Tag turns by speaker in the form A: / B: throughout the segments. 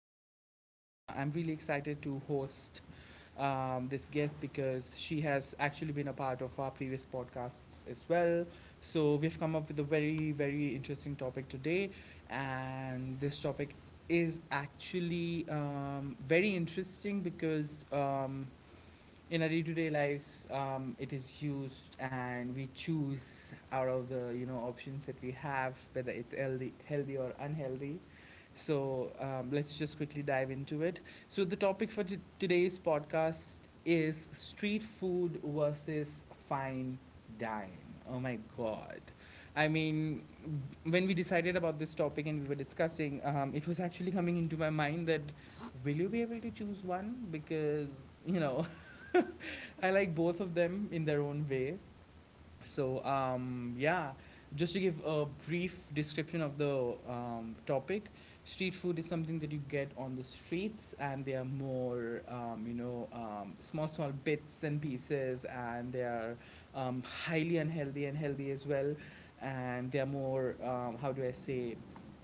A: podcast. I'm really excited to host this guest because she has actually been a part of our previous podcasts as well. So, we've come up with a very, very interesting topic today. And this topic is actually very interesting because. In our day-to-day lives it is used and we choose out of the options that we have, whether it's healthy or unhealthy. So let's just quickly dive into it. So the topic for today's podcast is street food versus fine dine. Oh my god. I mean, when we decided about this topic and we were discussing, it was actually coming into my mind that will you be able to choose one? Because, you know, I like both of them in their own way. So, yeah, just to give a brief description of the topic, street food is something that you get on the streets, and they are more, small bits and pieces, and they are highly unhealthy and healthy as well. And they are more, how do I say,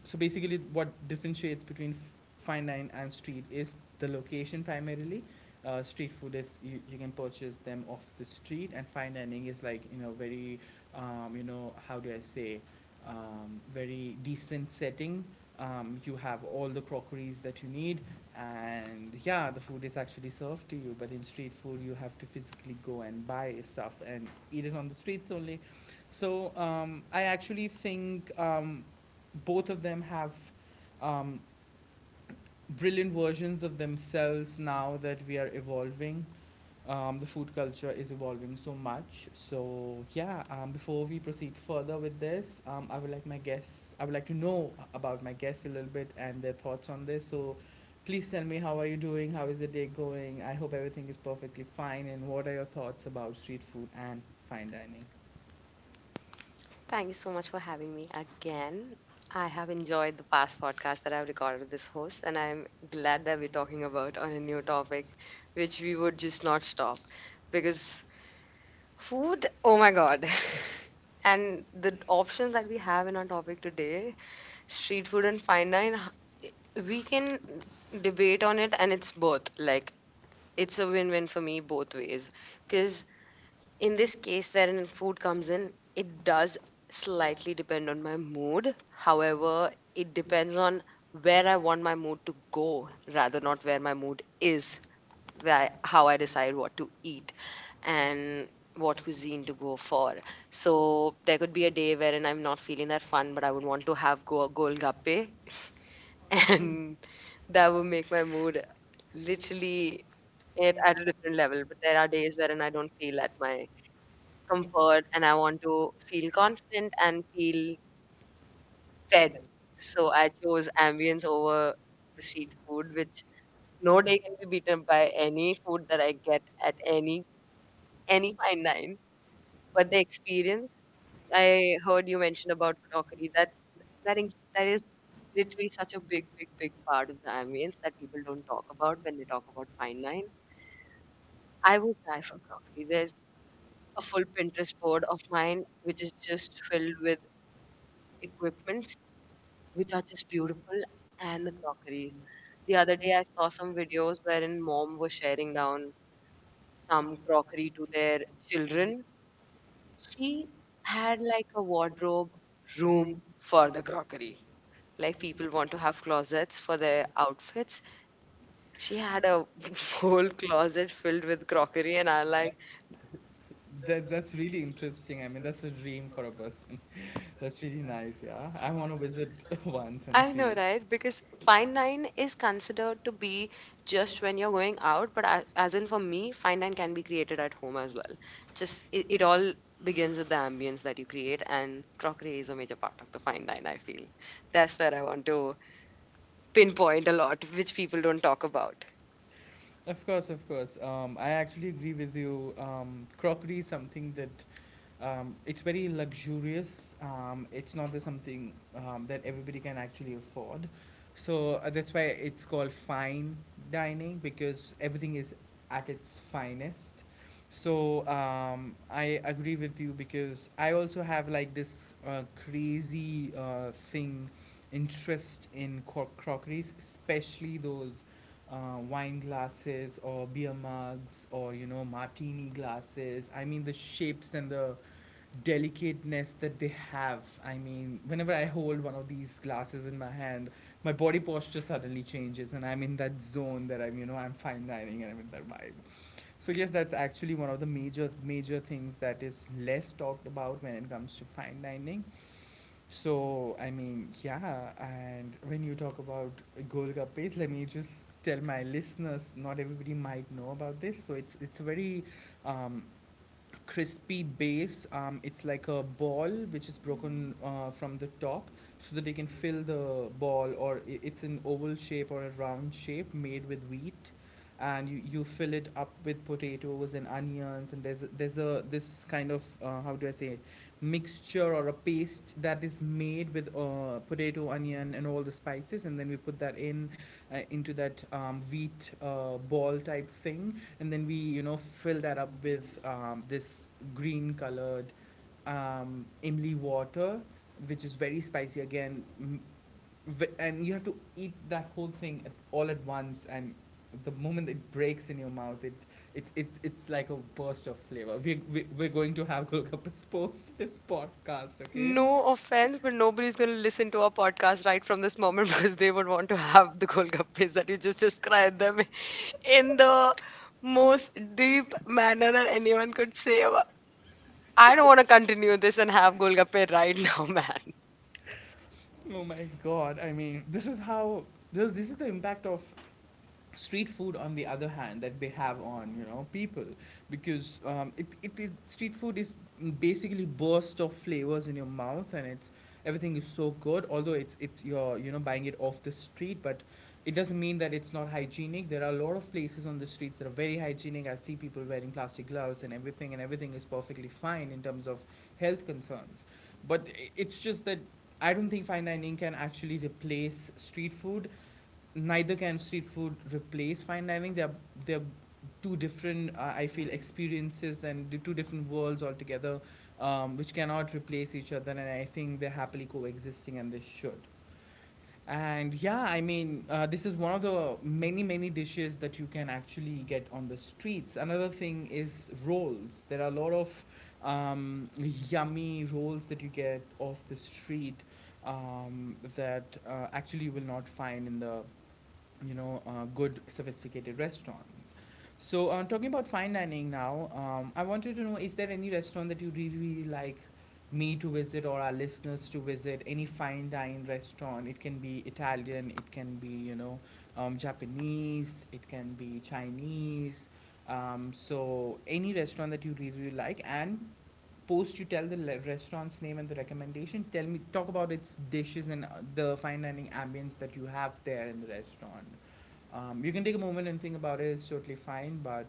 A: so basically what differentiates between fine dine and street is the location primarily. Uh, street food is you can purchase them off the street, and fine dining is like, you know, very um, how do I say, very decent setting. Um, you have all the crockeries that you need, and yeah, the food is actually served to you. But in street food, you have to physically go and buy stuff and eat it on the streets only. So I actually think, both of them have um, brilliant versions of themselves now that we are evolving. The food culture is evolving so much. So yeah, before we proceed further with this, I would like my guest. I would like to know about my guest a little bit and their thoughts on this. So please tell me, how are you doing? How is the day going? I hope everything is perfectly fine. And what are your thoughts about street food and fine dining?
B: Thank you so much for having me again. I have enjoyed the past podcast that I've recorded with this host, and I'm glad that we're talking about on a new topic, which we would just not stop because food, oh my god. And the options that we have in our topic today, street food and fine dine, we can debate on it, and it's both. It's a win win for me both ways. Because in this case wherein food comes in, it does slightly depend on my mood, however it depends on where I want my mood to go, rather not where my mood is, where how I decide what to eat and what cuisine to go for. So there could be a day wherein I'm not feeling that fun, but I would want to have go golgappe. And that would make my mood, literally, it at a different level. But there are days wherein I don't feel at my comfort and I want to feel confident and feel fed. So I chose ambience over the street food, which no day can be beaten by any food that I get at any fine dine. But the experience, I heard you mention about crockery. That in- that is literally such a big, big, big part of the ambience that people don't talk about when they talk about fine wine. I would die for crockery. There's a full Pinterest board of mine which is just filled with equipment which are just beautiful, and the crockeries. The other day, I saw some videos wherein mom was sharing down some crockery to their children. She had like a wardrobe room for the crockery. Like people want to have closets for their outfits. She had a whole closet filled with crockery, and I like,
A: That's that's really interesting. I mean, that's a dream for a person. That's really nice, yeah. I want to visit once and
B: I
A: see.
B: know, right? Because fine line is considered to be just when you're going out, but as in for me, fine line can be created at home as well. Just it all begins with the ambience that you create, and crockery is a major part of the fine line, I feel. That's where I want to pinpoint a lot, which people don't talk about.
A: Of course, of course. I actually agree with you. Crockery is something that it's very luxurious. It's not the something that everybody can actually afford. So that's why it's called fine dining, because everything is at its finest. So I agree with you, because I also have like this crazy thing, interest in crockeries, especially those wine glasses or beer mugs or, you know, martini glasses. I mean, the shapes and the delicateness that they have. I mean, whenever I hold one of these glasses in my hand, my body posture suddenly changes, and I'm in that zone that I'm, you know, I'm fine dining and I'm in that vibe. So yes, that's actually one of the major things that is less talked about when it comes to fine dining. So I mean, yeah, and when you talk about golgappes, let me just tell my listeners, not everybody might know about this. So it's a very um, crispy base. It's like a ball which is broken from the top so that you can fill the ball, or it's an oval shape or a round shape made with wheat. And you fill it up with potatoes and onions, and there's a this kind of how do I say, mixture or a paste that is made with potato, onion, and all the spices, and then we put that in into that wheat ball type thing, and then we, you know, fill that up with this green colored imli water, which is very spicy again. And you have to eat that whole thing all at once, and the moment it breaks in your mouth it, it it's like a burst of flavor. We're going to have golgappas post this podcast, okay? No.
B: No offense, but nobody's going to listen to our podcast right from this moment because they would want to have the golgappes that you just described them in the most deep manner that anyone could say. I don't want to continue this and have golgappe right now, man.
A: Oh my god, I mean, this is how this is the impact of street food on the other hand that they have on, you know, people. Because it, it is, street food is basically burst of flavors in your mouth, and it's everything is so good. Although it's, you're, you know, buying it off the street, but it doesn't mean that it's not hygienic. There are a lot of places on the streets that are very hygienic. I see people wearing plastic gloves and everything, and everything is perfectly fine in terms of health concerns. But it's just that I don't think fine dining can actually replace street food, neither can street food replace fine dining. They're two different I feel experiences, and the two different worlds altogether, which cannot replace each other. And I think they're happily coexisting, and they should. And yeah, I mean, this is one of the many, many dishes that you can actually get on the streets. Another thing is rolls. There are a lot of um, yummy rolls that you get off the street that actually you will not find in the, you know, good sophisticated restaurants. So, talking about fine dining now, I wanted to know, is there any restaurant that you really, really like me to visit or our listeners to visit? Any fine dine restaurant? It can be Italian, it can be, you know, Japanese, it can be Chinese. So, any restaurant that you really, really like, and post you tell the restaurant's name and the recommendation, tell me, talk about its dishes and the fine dining ambience that you have there in the restaurant. Um, you can take a moment and think about it, it's totally fine. But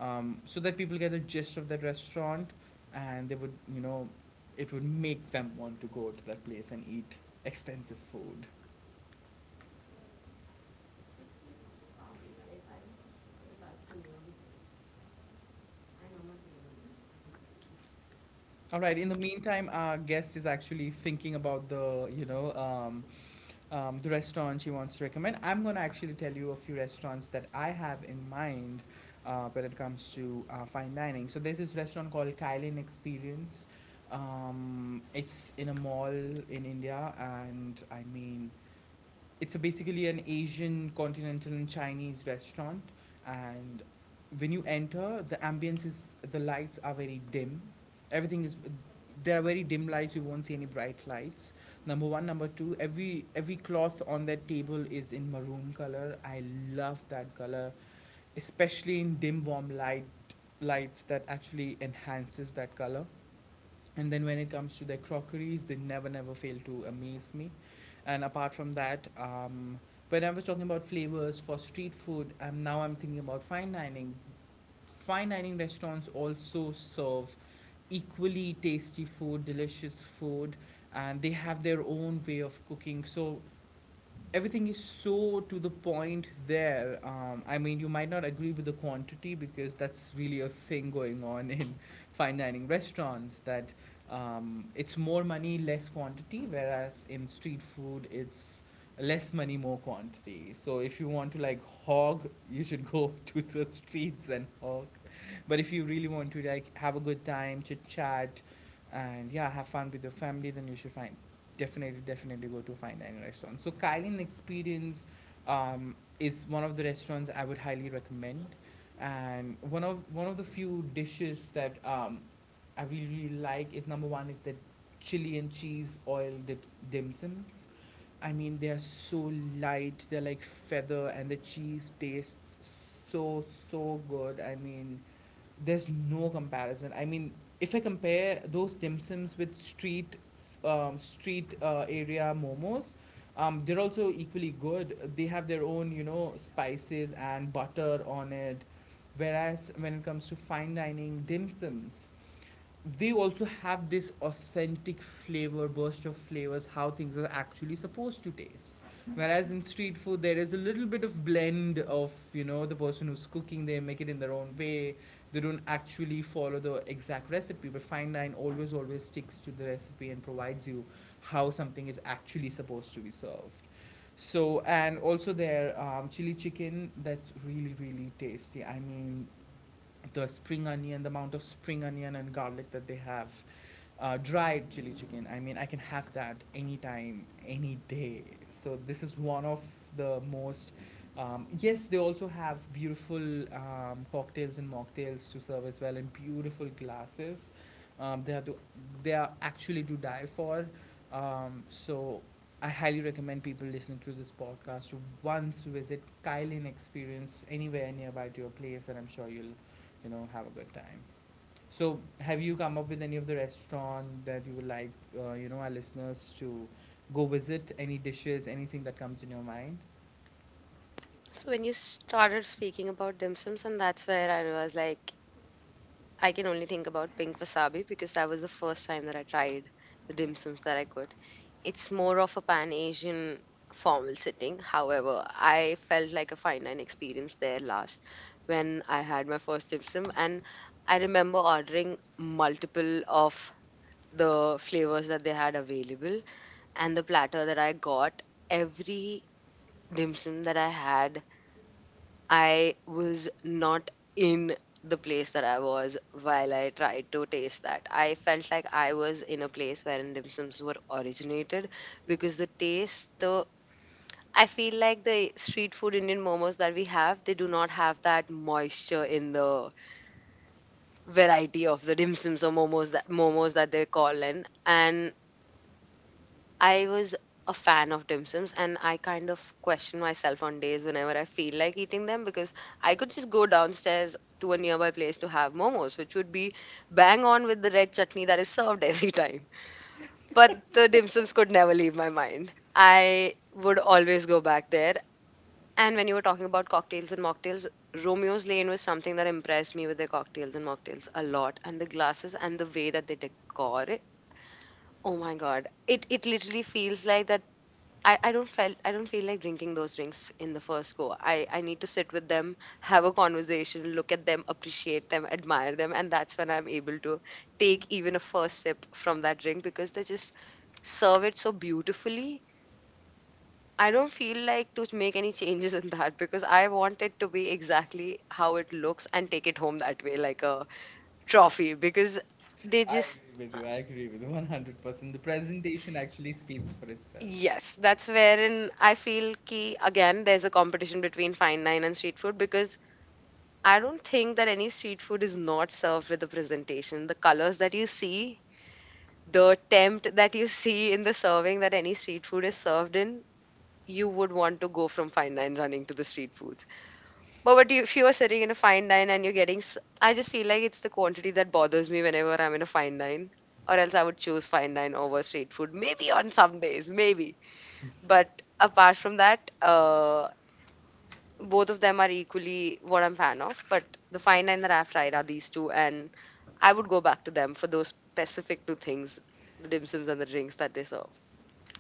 A: so that people get the gist of that restaurant, and they would, you know, it would make them want to go to that place and eat expensive food. All right, in the meantime, our guest is actually thinking about the, you know, the restaurant she wants to recommend. I'm gonna actually tell you a few restaurants that I have in mind when it comes to fine dining. So there's this restaurant called Kylin Experience. It's in a mall in India, and I mean, it's a basically an Asian, continental, and Chinese restaurant, and when you enter, the ambience is the lights are very dim. Everything is there are very dim lights. You won't see any bright lights. Number one, number two, every cloth on that table is in maroon color. I love that color, especially in dim warm light lights that actually enhances that color. And then when it comes to their crockeries, they never fail to amaze me. And apart from that, when I was talking about flavors for street food, now I'm thinking about fine dining. Fine dining restaurants also serve equally tasty food, delicious food, and they have their own way of cooking. So everything is so to the point there. I mean, you might not agree with the quantity, because that's really a thing going on in fine dining restaurants that it's more money, less quantity, whereas in street food, it's less money, more quantity. So if you want to like hog, you should go to the streets and hog. But if you really want to like have a good time, chit chat, and yeah, have fun with your family, then you should find definitely go to a fine dining restaurant. So Kylie Experience is one of the restaurants I would highly recommend. And one of the few dishes that I really, really like is, number one is the chili and cheese oil dip, dim sums. I mean, they are so light, they're like feather, and the cheese tastes so so good. I mean, there's no comparison. I mean, if I compare those dim sums with street, street area momos, they're also equally good. They have their own, you know, spices and butter on it. Whereas when it comes to fine dining dim sums, they also have this authentic flavor, burst of flavors, how things are actually supposed to taste. Whereas in street food, there is a little bit of blend of, the person who's cooking, they make it in their own way. They don't actually follow the exact recipe, but fine line always sticks to the recipe and provides you how something is actually supposed to be served. So, and also their chili chicken, that's really tasty. I mean, the spring onion, the amount of spring onion and garlic that they have, dried chili chicken. I mean, I can have that anytime, any day. So this is one of the most. Yes, they also have beautiful cocktails and mocktails to serve as well, and beautiful glasses. Um, they are to, they are actually to die for. So I highly recommend people listening to this podcast to once visit Kylin Experience anywhere nearby to your place, and I'm sure you'll, have a good time. So, have you come up with any of the restaurant that you would like, you know, our listeners to go visit? Any dishes, anything that comes in your mind?
B: So when you started speaking about dim sums, and that's where I was like, I can only think about pink wasabi because that was the first time that I tried the dim sums that I could. It's more of a pan Asian formal setting. However, I felt like a fine dine experience there last when I had my first dim sum, and I remember ordering multiple of the flavors that they had available, and the platter that I got, every dim sum that I had, I was not in the place that I was while I tried to taste that. I felt like I was in a place wherein dim sums were originated because the taste, the I feel like the street food Indian momos that we have, they do not have that moisture in the variety of the dim sums or momos that they call in. And I was a fan of dim sums, and I kind of question myself on days whenever I feel like eating them because I could just go downstairs to a nearby place to have momos, which would be bang on with the red chutney that is served every time. But the dim sums could never leave my mind. I would always go back there. And when you were talking about cocktails and mocktails, Romeo's Lane was something that impressed me with their cocktails and mocktails a lot. And the glasses and the way that they decor it. Oh my god. It literally feels like that I don't feel like drinking those drinks in the first go. I need to sit with them, have a conversation, look at them, appreciate them, admire them, and that's when I'm able to take even a first sip from that drink because they just serve it so beautifully. I don't feel like to make any changes in that because I want it to be exactly how it looks and take it home that way, like a trophy. Because they
A: I
B: just,
A: agree with you. I agree with you 100%. The presentation actually speaks for itself.
B: yes, that's wherein I feel key again, there's a competition between fine dine and street food because I don't think that any street food is not served with the presentation. The colors that you see, the attempt that you see in the serving that any street food is served in, you would want to go from fine dine running to the street foods. But what you, if you are sitting in a fine dine and you're getting, I just feel like it's the quantity that bothers me whenever I'm in a fine dine, or else I would choose fine dine over street food. Maybe on some days, maybe. But apart from that, both of them are equally what I'm fan of. But the fine dine that I've tried are these two, and I would go back to them for those specific two things, the dim sums and the drinks that they serve.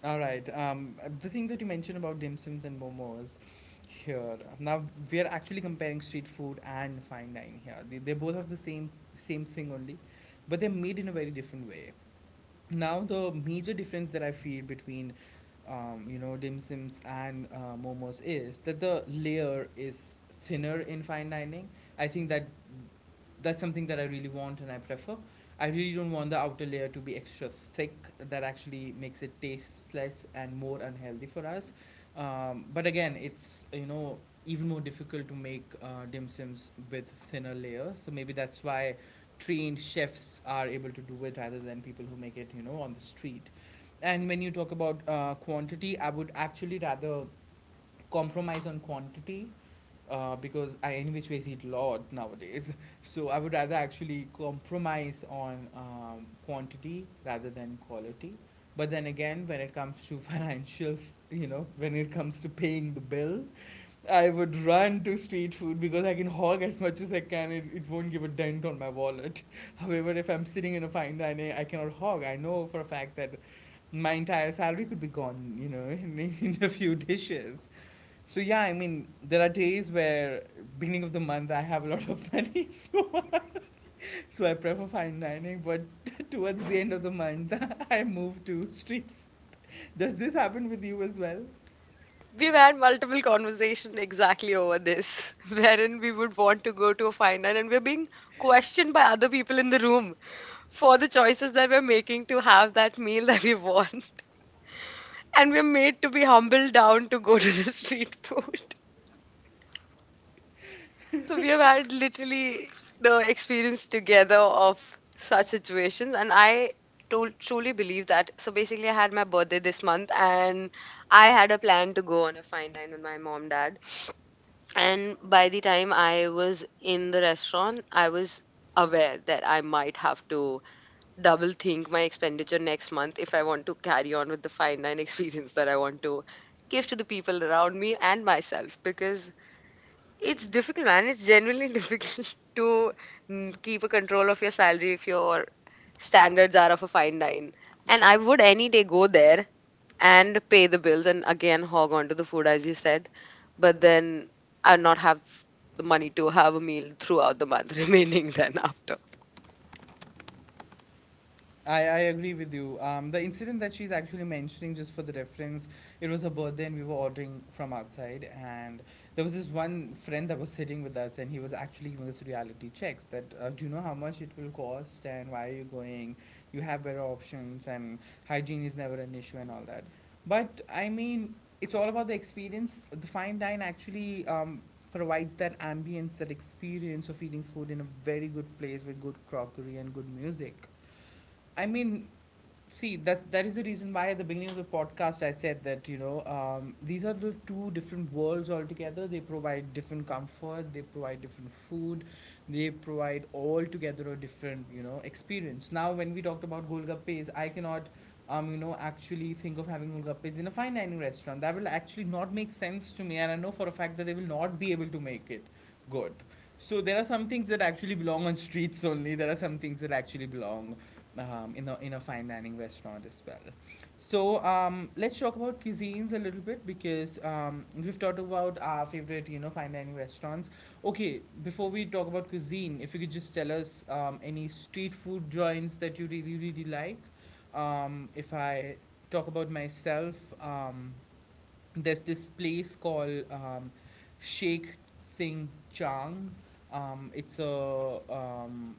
A: All right. The thing that you mentioned about dim sums and momos here. Now we are actually comparing street food and fine dining here. They're both of the same thing only, but they're made in a very different way. Now the major difference that I feel between you know, dim sims and momos is that the layer is thinner in fine dining. I think that's something that I really want and I prefer. I really don't want the outer layer to be extra thick. That actually makes it taste less and more unhealthy for us. But again, it's, you know, even more difficult to make dim sims with thinner layers, so maybe that's why trained chefs are able to do it rather than people who make it, you know, on the street. And when you talk about quantity, I would actually rather compromise on quantity because I, in which ways, eat a lot nowadays. So I would rather actually compromise on quantity rather than quality. But then again, when it comes to financial, you know, when it comes to paying the bill, I would run to street food because I can hog as much as I can. It won't give a dent on my wallet. However, if I'm sitting in a fine dining, I cannot hog. I know for a fact that my entire salary could be gone, you know, in a few dishes. So yeah, I mean, there are days where beginning of the month I have a lot of money, so I prefer fine dining. But towards the end of the month, I move to street. Does this happen with you as well?
B: We've had multiple conversations exactly over this, wherein we would want to go to a final and we're being questioned by other people in the room for the choices that we're making to have that meal that we want. And we're made to be humbled down to go to the street food. So we have had literally the experience together of such situations, and I truly believe that. So basically, I had my birthday this month, and I had a plan to go on a fine line with my mom, dad. And by the time I was in the restaurant, I was aware that I might have to double think my expenditure next month if I want to carry on with the fine dine experience that I want to give to the people around me and myself because it's difficult, man. It's genuinely difficult to keep a control of your salary if your standards are of a fine dine. And I would any day go there and pay the bills and again hog onto the food as you said, but then I not have the money to have a meal throughout the month remaining then after.
A: I agree with you. The incident that she's actually mentioning, just for the reference, it was her birthday and we were ordering from outside. And there was this one friend that was sitting with us and he was actually giving us reality checks that, do you know how much it will cost and why are you going? You have better options and hygiene is never an issue and all that. But I mean, it's all about the experience. The fine dine actually provides that ambience, that experience of eating food in a very good place with good crockery and good music. I mean, see, that is the reason why at the beginning of the podcast I said that, you know, these are the two different worlds altogether. They provide different comfort. They provide different food. They provide altogether a different, you know, experience. Now when we talked about golgappes, I cannot. You know, actually think of having golgappes in a fine dining restaurant. That will actually not make sense to me, and I know for a fact that they will not be able to make it good. So there are some things that actually belong on streets only. There are some things that actually belong in a fine dining restaurant as well. So let's talk about cuisines a little bit because we've talked about our favorite, you know, fine dining restaurants. Okay, before we talk about cuisine, if you could just tell us any street food joints that you really, really like. If I talk about myself, um, there's this place called, Sheikh Singh Chang. It's a,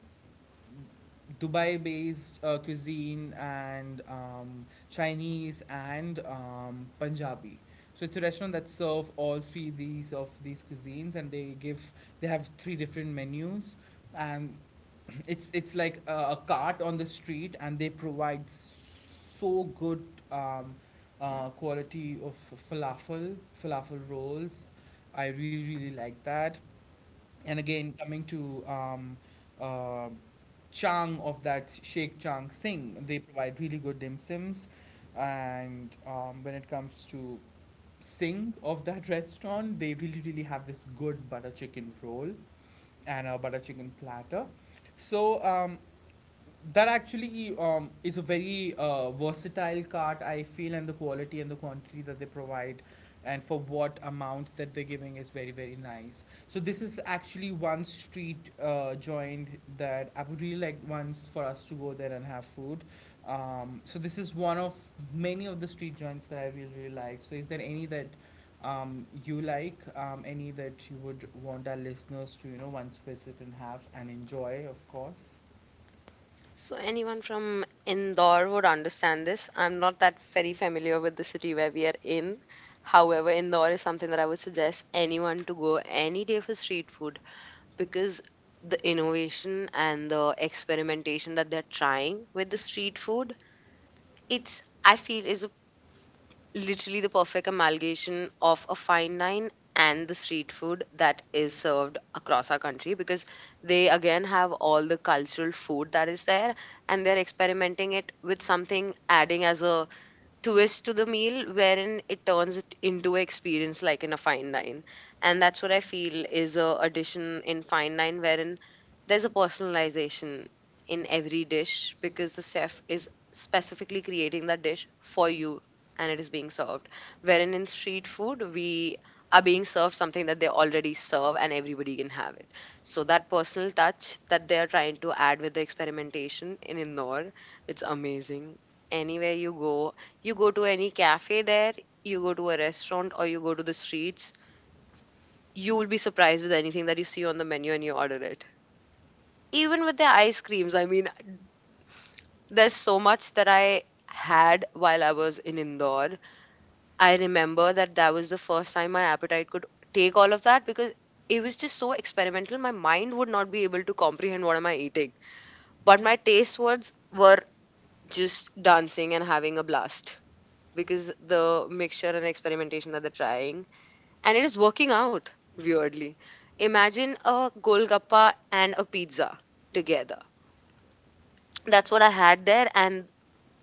A: Dubai based cuisine, and Chinese, and Punjabi. So it's a restaurant that serve all three these of these cuisines, and they give, they have three different menus. And it's like a cart on the street, and they provide so good um, quality of falafel falafel rolls. I really like that. And again, coming to uh, Chang of that Sheikh Chang Singh, they provide really good dim sims. And when it comes to Singh of that restaurant, they really have this good butter chicken roll and a butter chicken platter. So that actually is a very versatile cart, I feel, and the quality and the quantity that they provide and for what amount that they're giving is very, very nice. So this is actually one street joint that I would really like once for us to go there and have food. So this is one of many of the street joints that I really, really like. So, is there any that you like, any that you would want our listeners to, you know, once visit and have and enjoy, of course?
B: So anyone from Indore would understand this. I'm not that very familiar with the city where we are in. However, Indore is something that I would suggest anyone to go any day for street food because the innovation and the experimentation that they're trying with the street food, it's I feel is literally the perfect amalgamation of a fine dine and the street food that is served across our country because they again have all the cultural food that is there and they're experimenting it with something adding as a twist to the meal wherein it turns it into an experience like in a fine dine. And that's what I feel is a addition in fine dine wherein there's a personalization in every dish because the chef is specifically creating that dish for you and it is being served, wherein in street food we are being served something that they already serve and everybody can have it. So that personal touch that they are trying to add with the experimentation in Indore, it's amazing. Anywhere you go, you go to any cafe there, you go to a restaurant, or you go to the streets, you will be surprised with anything that you see on the menu and you order it. Even with the ice creams, I mean, there's so much that I had while I was in Indore. I remember that that was the first time my appetite could take all of that because it was just so experimental. My mind would not be able to comprehend what am I eating. But my taste buds were just dancing and having a blast because the mixture and experimentation that they're trying and it is working out weirdly. Imagine a Golgappa and a pizza together. That's what I had there, and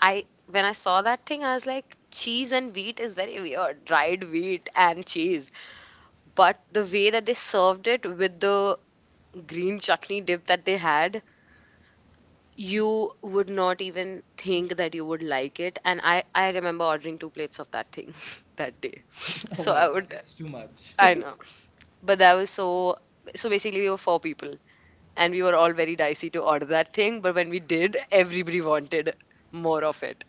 B: I when I saw that thing, I was like, cheese and wheat is very weird, dried wheat and cheese. But the way that they served it with the green chutney dip that they had, you would not even think that you would like it. And I remember ordering two plates of that thing that day.
A: Oh
B: So
A: my
B: I
A: God,
B: would.
A: that's too much.
B: I know. But that was so, so basically we were four people and we were all very dicey to order that thing, but when we did everybody wanted more of it.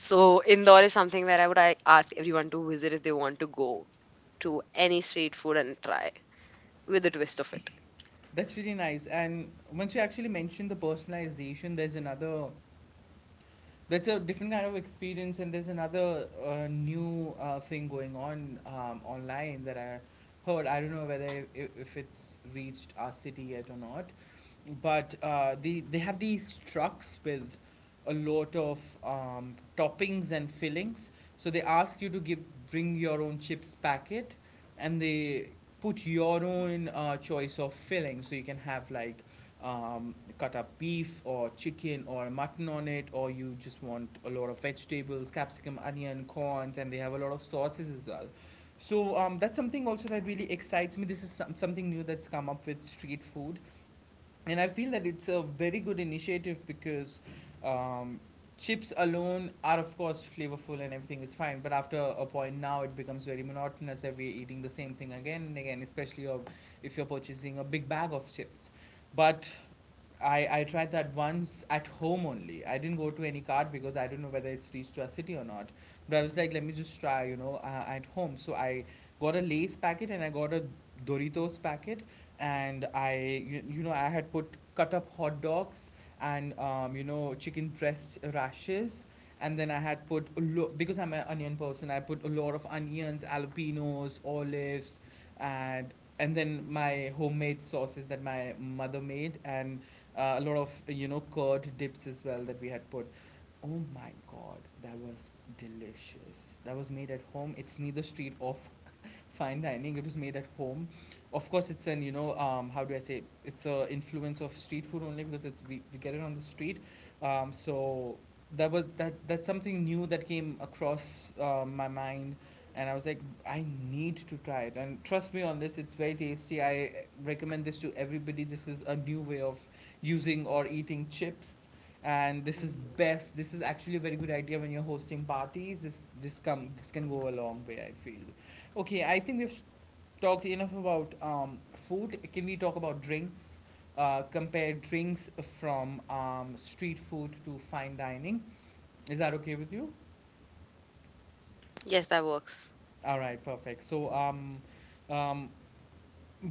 B: So Indore is something where I would like, ask everyone to visit if they want to go to any street food and try with a twist of it.
A: That's really nice. And once you actually mention the personalization, there's another, that's a different kind of experience. And there's another new thing going on online that I heard. I don't know whether if it's reached our city yet or not, but they have these trucks with a lot of toppings and fillings. So they ask you to give, bring your own chips packet, and they put your own choice of filling. So you can have like cut up beef or chicken or mutton on it, or you just want a lot of vegetables, capsicum, onion, corns, and they have a lot of sauces as well. So that's something also that really excites me. This is some, something new that's come up with street food, and I feel that it's a very good initiative because um, chips alone are of course flavorful and everything is fine, but after a point now it becomes very monotonous that we're eating the same thing again and again, especially of- if you're purchasing a big bag of chips. But I tried that once at home only. I didn't go to any card because I don't know whether it's reached to our city or not. But I was like, let me just try, you know, at home. So I got a Lay's packet and I got a Doritos packet. And I, you know, I had put cut up hot dogs and, you know, chicken breast rashes. And then I had put, a lo-, because I'm an onion person, I put a lot of onions, jalapenos, olives, and and then my homemade sauces that my mother made, and a lot of, you know, curd dips as well that we had put. Oh my God, that was delicious. That was made at home. It's neither street or f- fine dining. It was made at home. Of course it's an, you know, how do I say, it's a influence of street food only because it's, we get it on the street. So that was that. That's something new that came across my mind, and I was like, I need to try it. And trust me on this, it's very tasty. I recommend this to everybody. This is a new way of using or eating chips. And this is best. This is actually a very good idea when you're hosting parties. This can go a long way, I feel. Okay, I think we've talked enough about food. Can we talk about drinks? Compare drinks from street food to fine dining. Is that okay with you?
B: Yes, that works.
A: All right, perfect. So, um,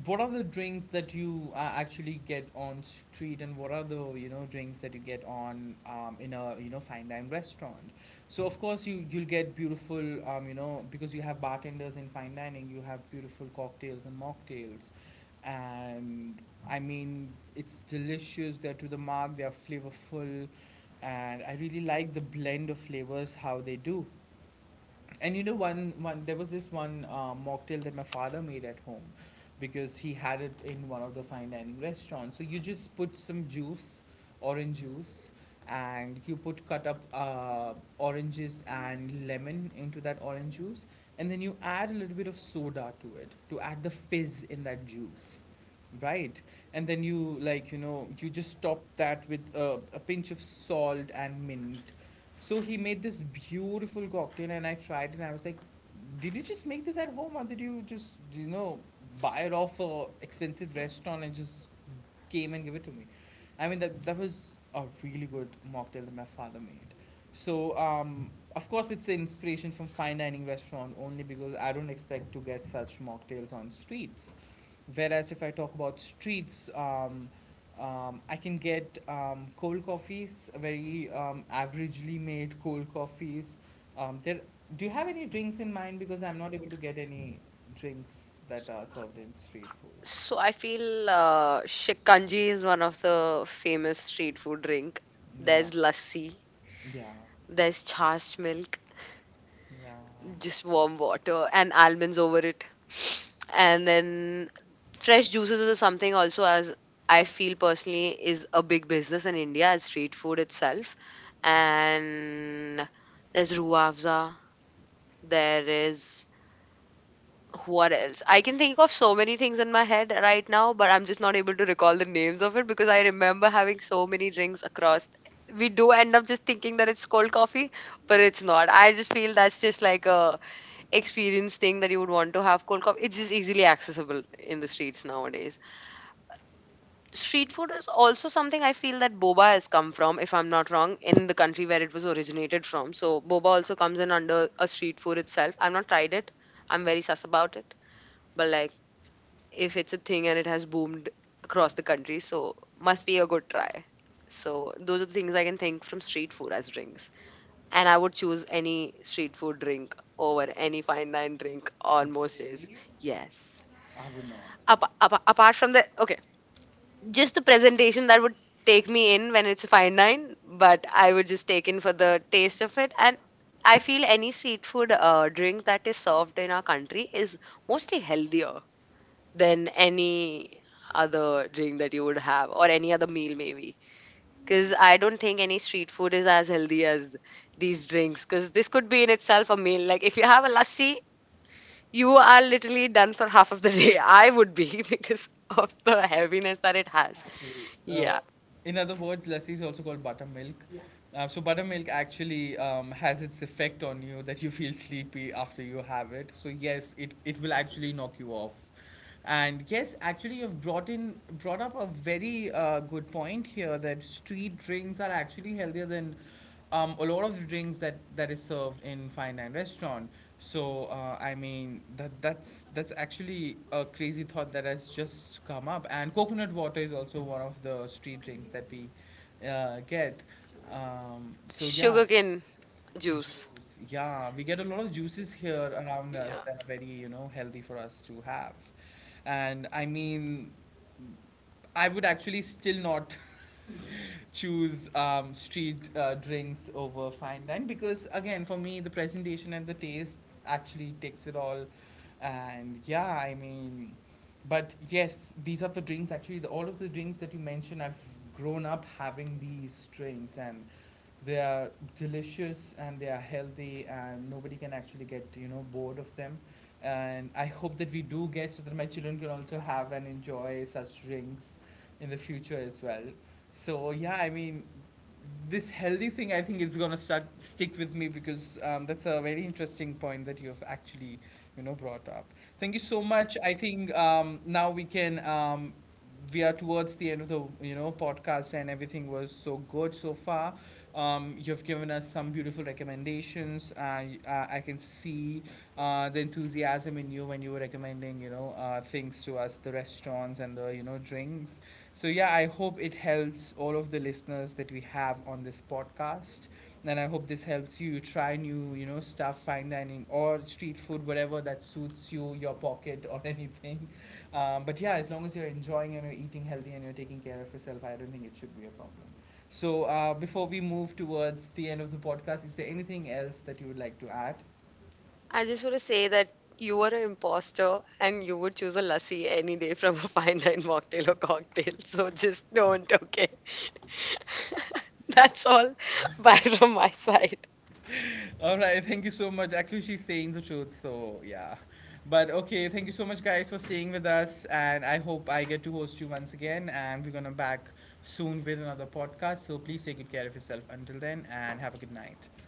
A: what are the drinks that you actually get on street, and what are the, you know, drinks that you get on, in a, you know, fine dine restaurant? So of course you'll get beautiful, you know, because you have bartenders in fine dining, you have beautiful cocktails and mocktails, and I mean, it's delicious. They're to the mark. They're flavorful, and I really like the blend of flavors how they do. And you know, one there was this one mocktail that my father made at home because he had it in one of the fine dining restaurants. So you just put some juice, orange juice, and you put cut up oranges and lemon into that orange juice, and then you add a little bit of soda to it to add the fizz in that juice. Right, and then you like you know you just top that with a pinch of salt and mint so he made this beautiful cocktail, and I tried, it and I was like, "Did you just make this at home, or did you just, you know, buy it off a expensive restaurant and just came and give it to me?" I mean, that was a really good mocktail that my father made. So, of course, it's an inspiration from fine dining restaurant only because I don't expect to get such mocktails on streets. Whereas if I talk about streets, I can get cold coffees, very averagely made cold coffees. There, do you have any drinks in mind? Because I'm not able to get any drinks that are served in street
B: So
A: foods.
B: I feel shikanji is one of the famous street food drink.
A: Yeah,
B: There's lassi,
A: yeah,
B: there's chash milk,
A: yeah.
B: just warm water and almonds over it, and then fresh juices or something also as I feel personally is a big business in India as street food itself. And there's ruafza, there is what else I can think of, so many things in my head right now, but I'm just not able to recall the names of it because I remember having so many drinks across. We do end up just thinking that it's cold coffee, but it's not. I just feel that's just like a experience thing that you would want to have cold coffee. It's just easily accessible in the streets nowadays. Street food is also something I feel that boba has come from, if I'm not wrong, in the country where it was originated from. So boba also comes in under a street food itself. I've not tried it, I'm very sus about it. But like, if it's a thing and it has boomed across the country, so must be a good try. So those are the things I can think from street food as drinks. And I would choose any street food drink over any fine dine drink on most days. Yes.
A: I would not.
B: Apart from the okay, just the presentation that would take me in when it's fine dine, but I would just take in for the taste of it. And I feel any street food drink that is served in our country is mostly healthier than any other drink that you would have or any other meal maybe because I don't think any street food is as healthy as these drinks. Because this could be in itself a meal. Like if you have a lassi, you are literally done for half of the day. I would be because of the heaviness that it has.
A: Actually, uh,
B: Yeah,
A: in other words, lassi is also called buttermilk. So buttermilk actually has its effect on you that you feel sleepy after you have it. So yes, it will actually knock you off. And yes, actually, you've brought up a very good point here that street drinks are actually healthier than a lot of the drinks that is served in fine dine restaurant. So I mean that's actually a crazy thought that has just come up. And coconut water is also one of the street drinks that we get. So yeah.
B: sugarcane juice.
A: Juice, yeah, we get a lot of juices here around us
B: Yeah.
A: that are very, you know, healthy for us to have. And I mean, I would actually still not choose street drinks over fine dine because, again, for me, the presentation and the taste actually takes it all. And yeah, I mean, but yes, these are the drinks actually, all of the drinks that you mentioned, I've grown up having these drinks and they are delicious and they are healthy and nobody can actually get you know bored of them and I hope that we do get so that my children can also have and enjoy such drinks in the future as well. So yeah, I mean, this healthy thing I think is going to start stick with me because that's a very interesting point that you have actually you know brought up. Thank you so much. I think now we can we are towards the end of the you know podcast and everything was so good so far. You've given us some beautiful recommendations. I can see the enthusiasm in you when you were recommending, you know, things to us, the restaurants and the you know drinks. So yeah, I hope it helps all of the listeners that we have on this podcast, and I hope this helps you try new, you know, stuff, fine dining or street food, whatever that suits you, your pocket or anything. But yeah, as long as you're enjoying and you're eating healthy and you're taking care of yourself, I don't think it should be a problem. So, before we move towards the end of the podcast, is there anything else that you would like to add?
B: I just want to say that you are an imposter and you would choose a lassi any day from a fine line mocktail or cocktail. So just don't, okay? That's all. Bye from my side.
A: All right, thank you so much. Actually, she's saying the truth, so yeah. But okay, thank you so much, guys, for staying with us. And I hope I get to host you once again. And we're going to back soon with another podcast. So, please take good care of yourself until then and have a good night.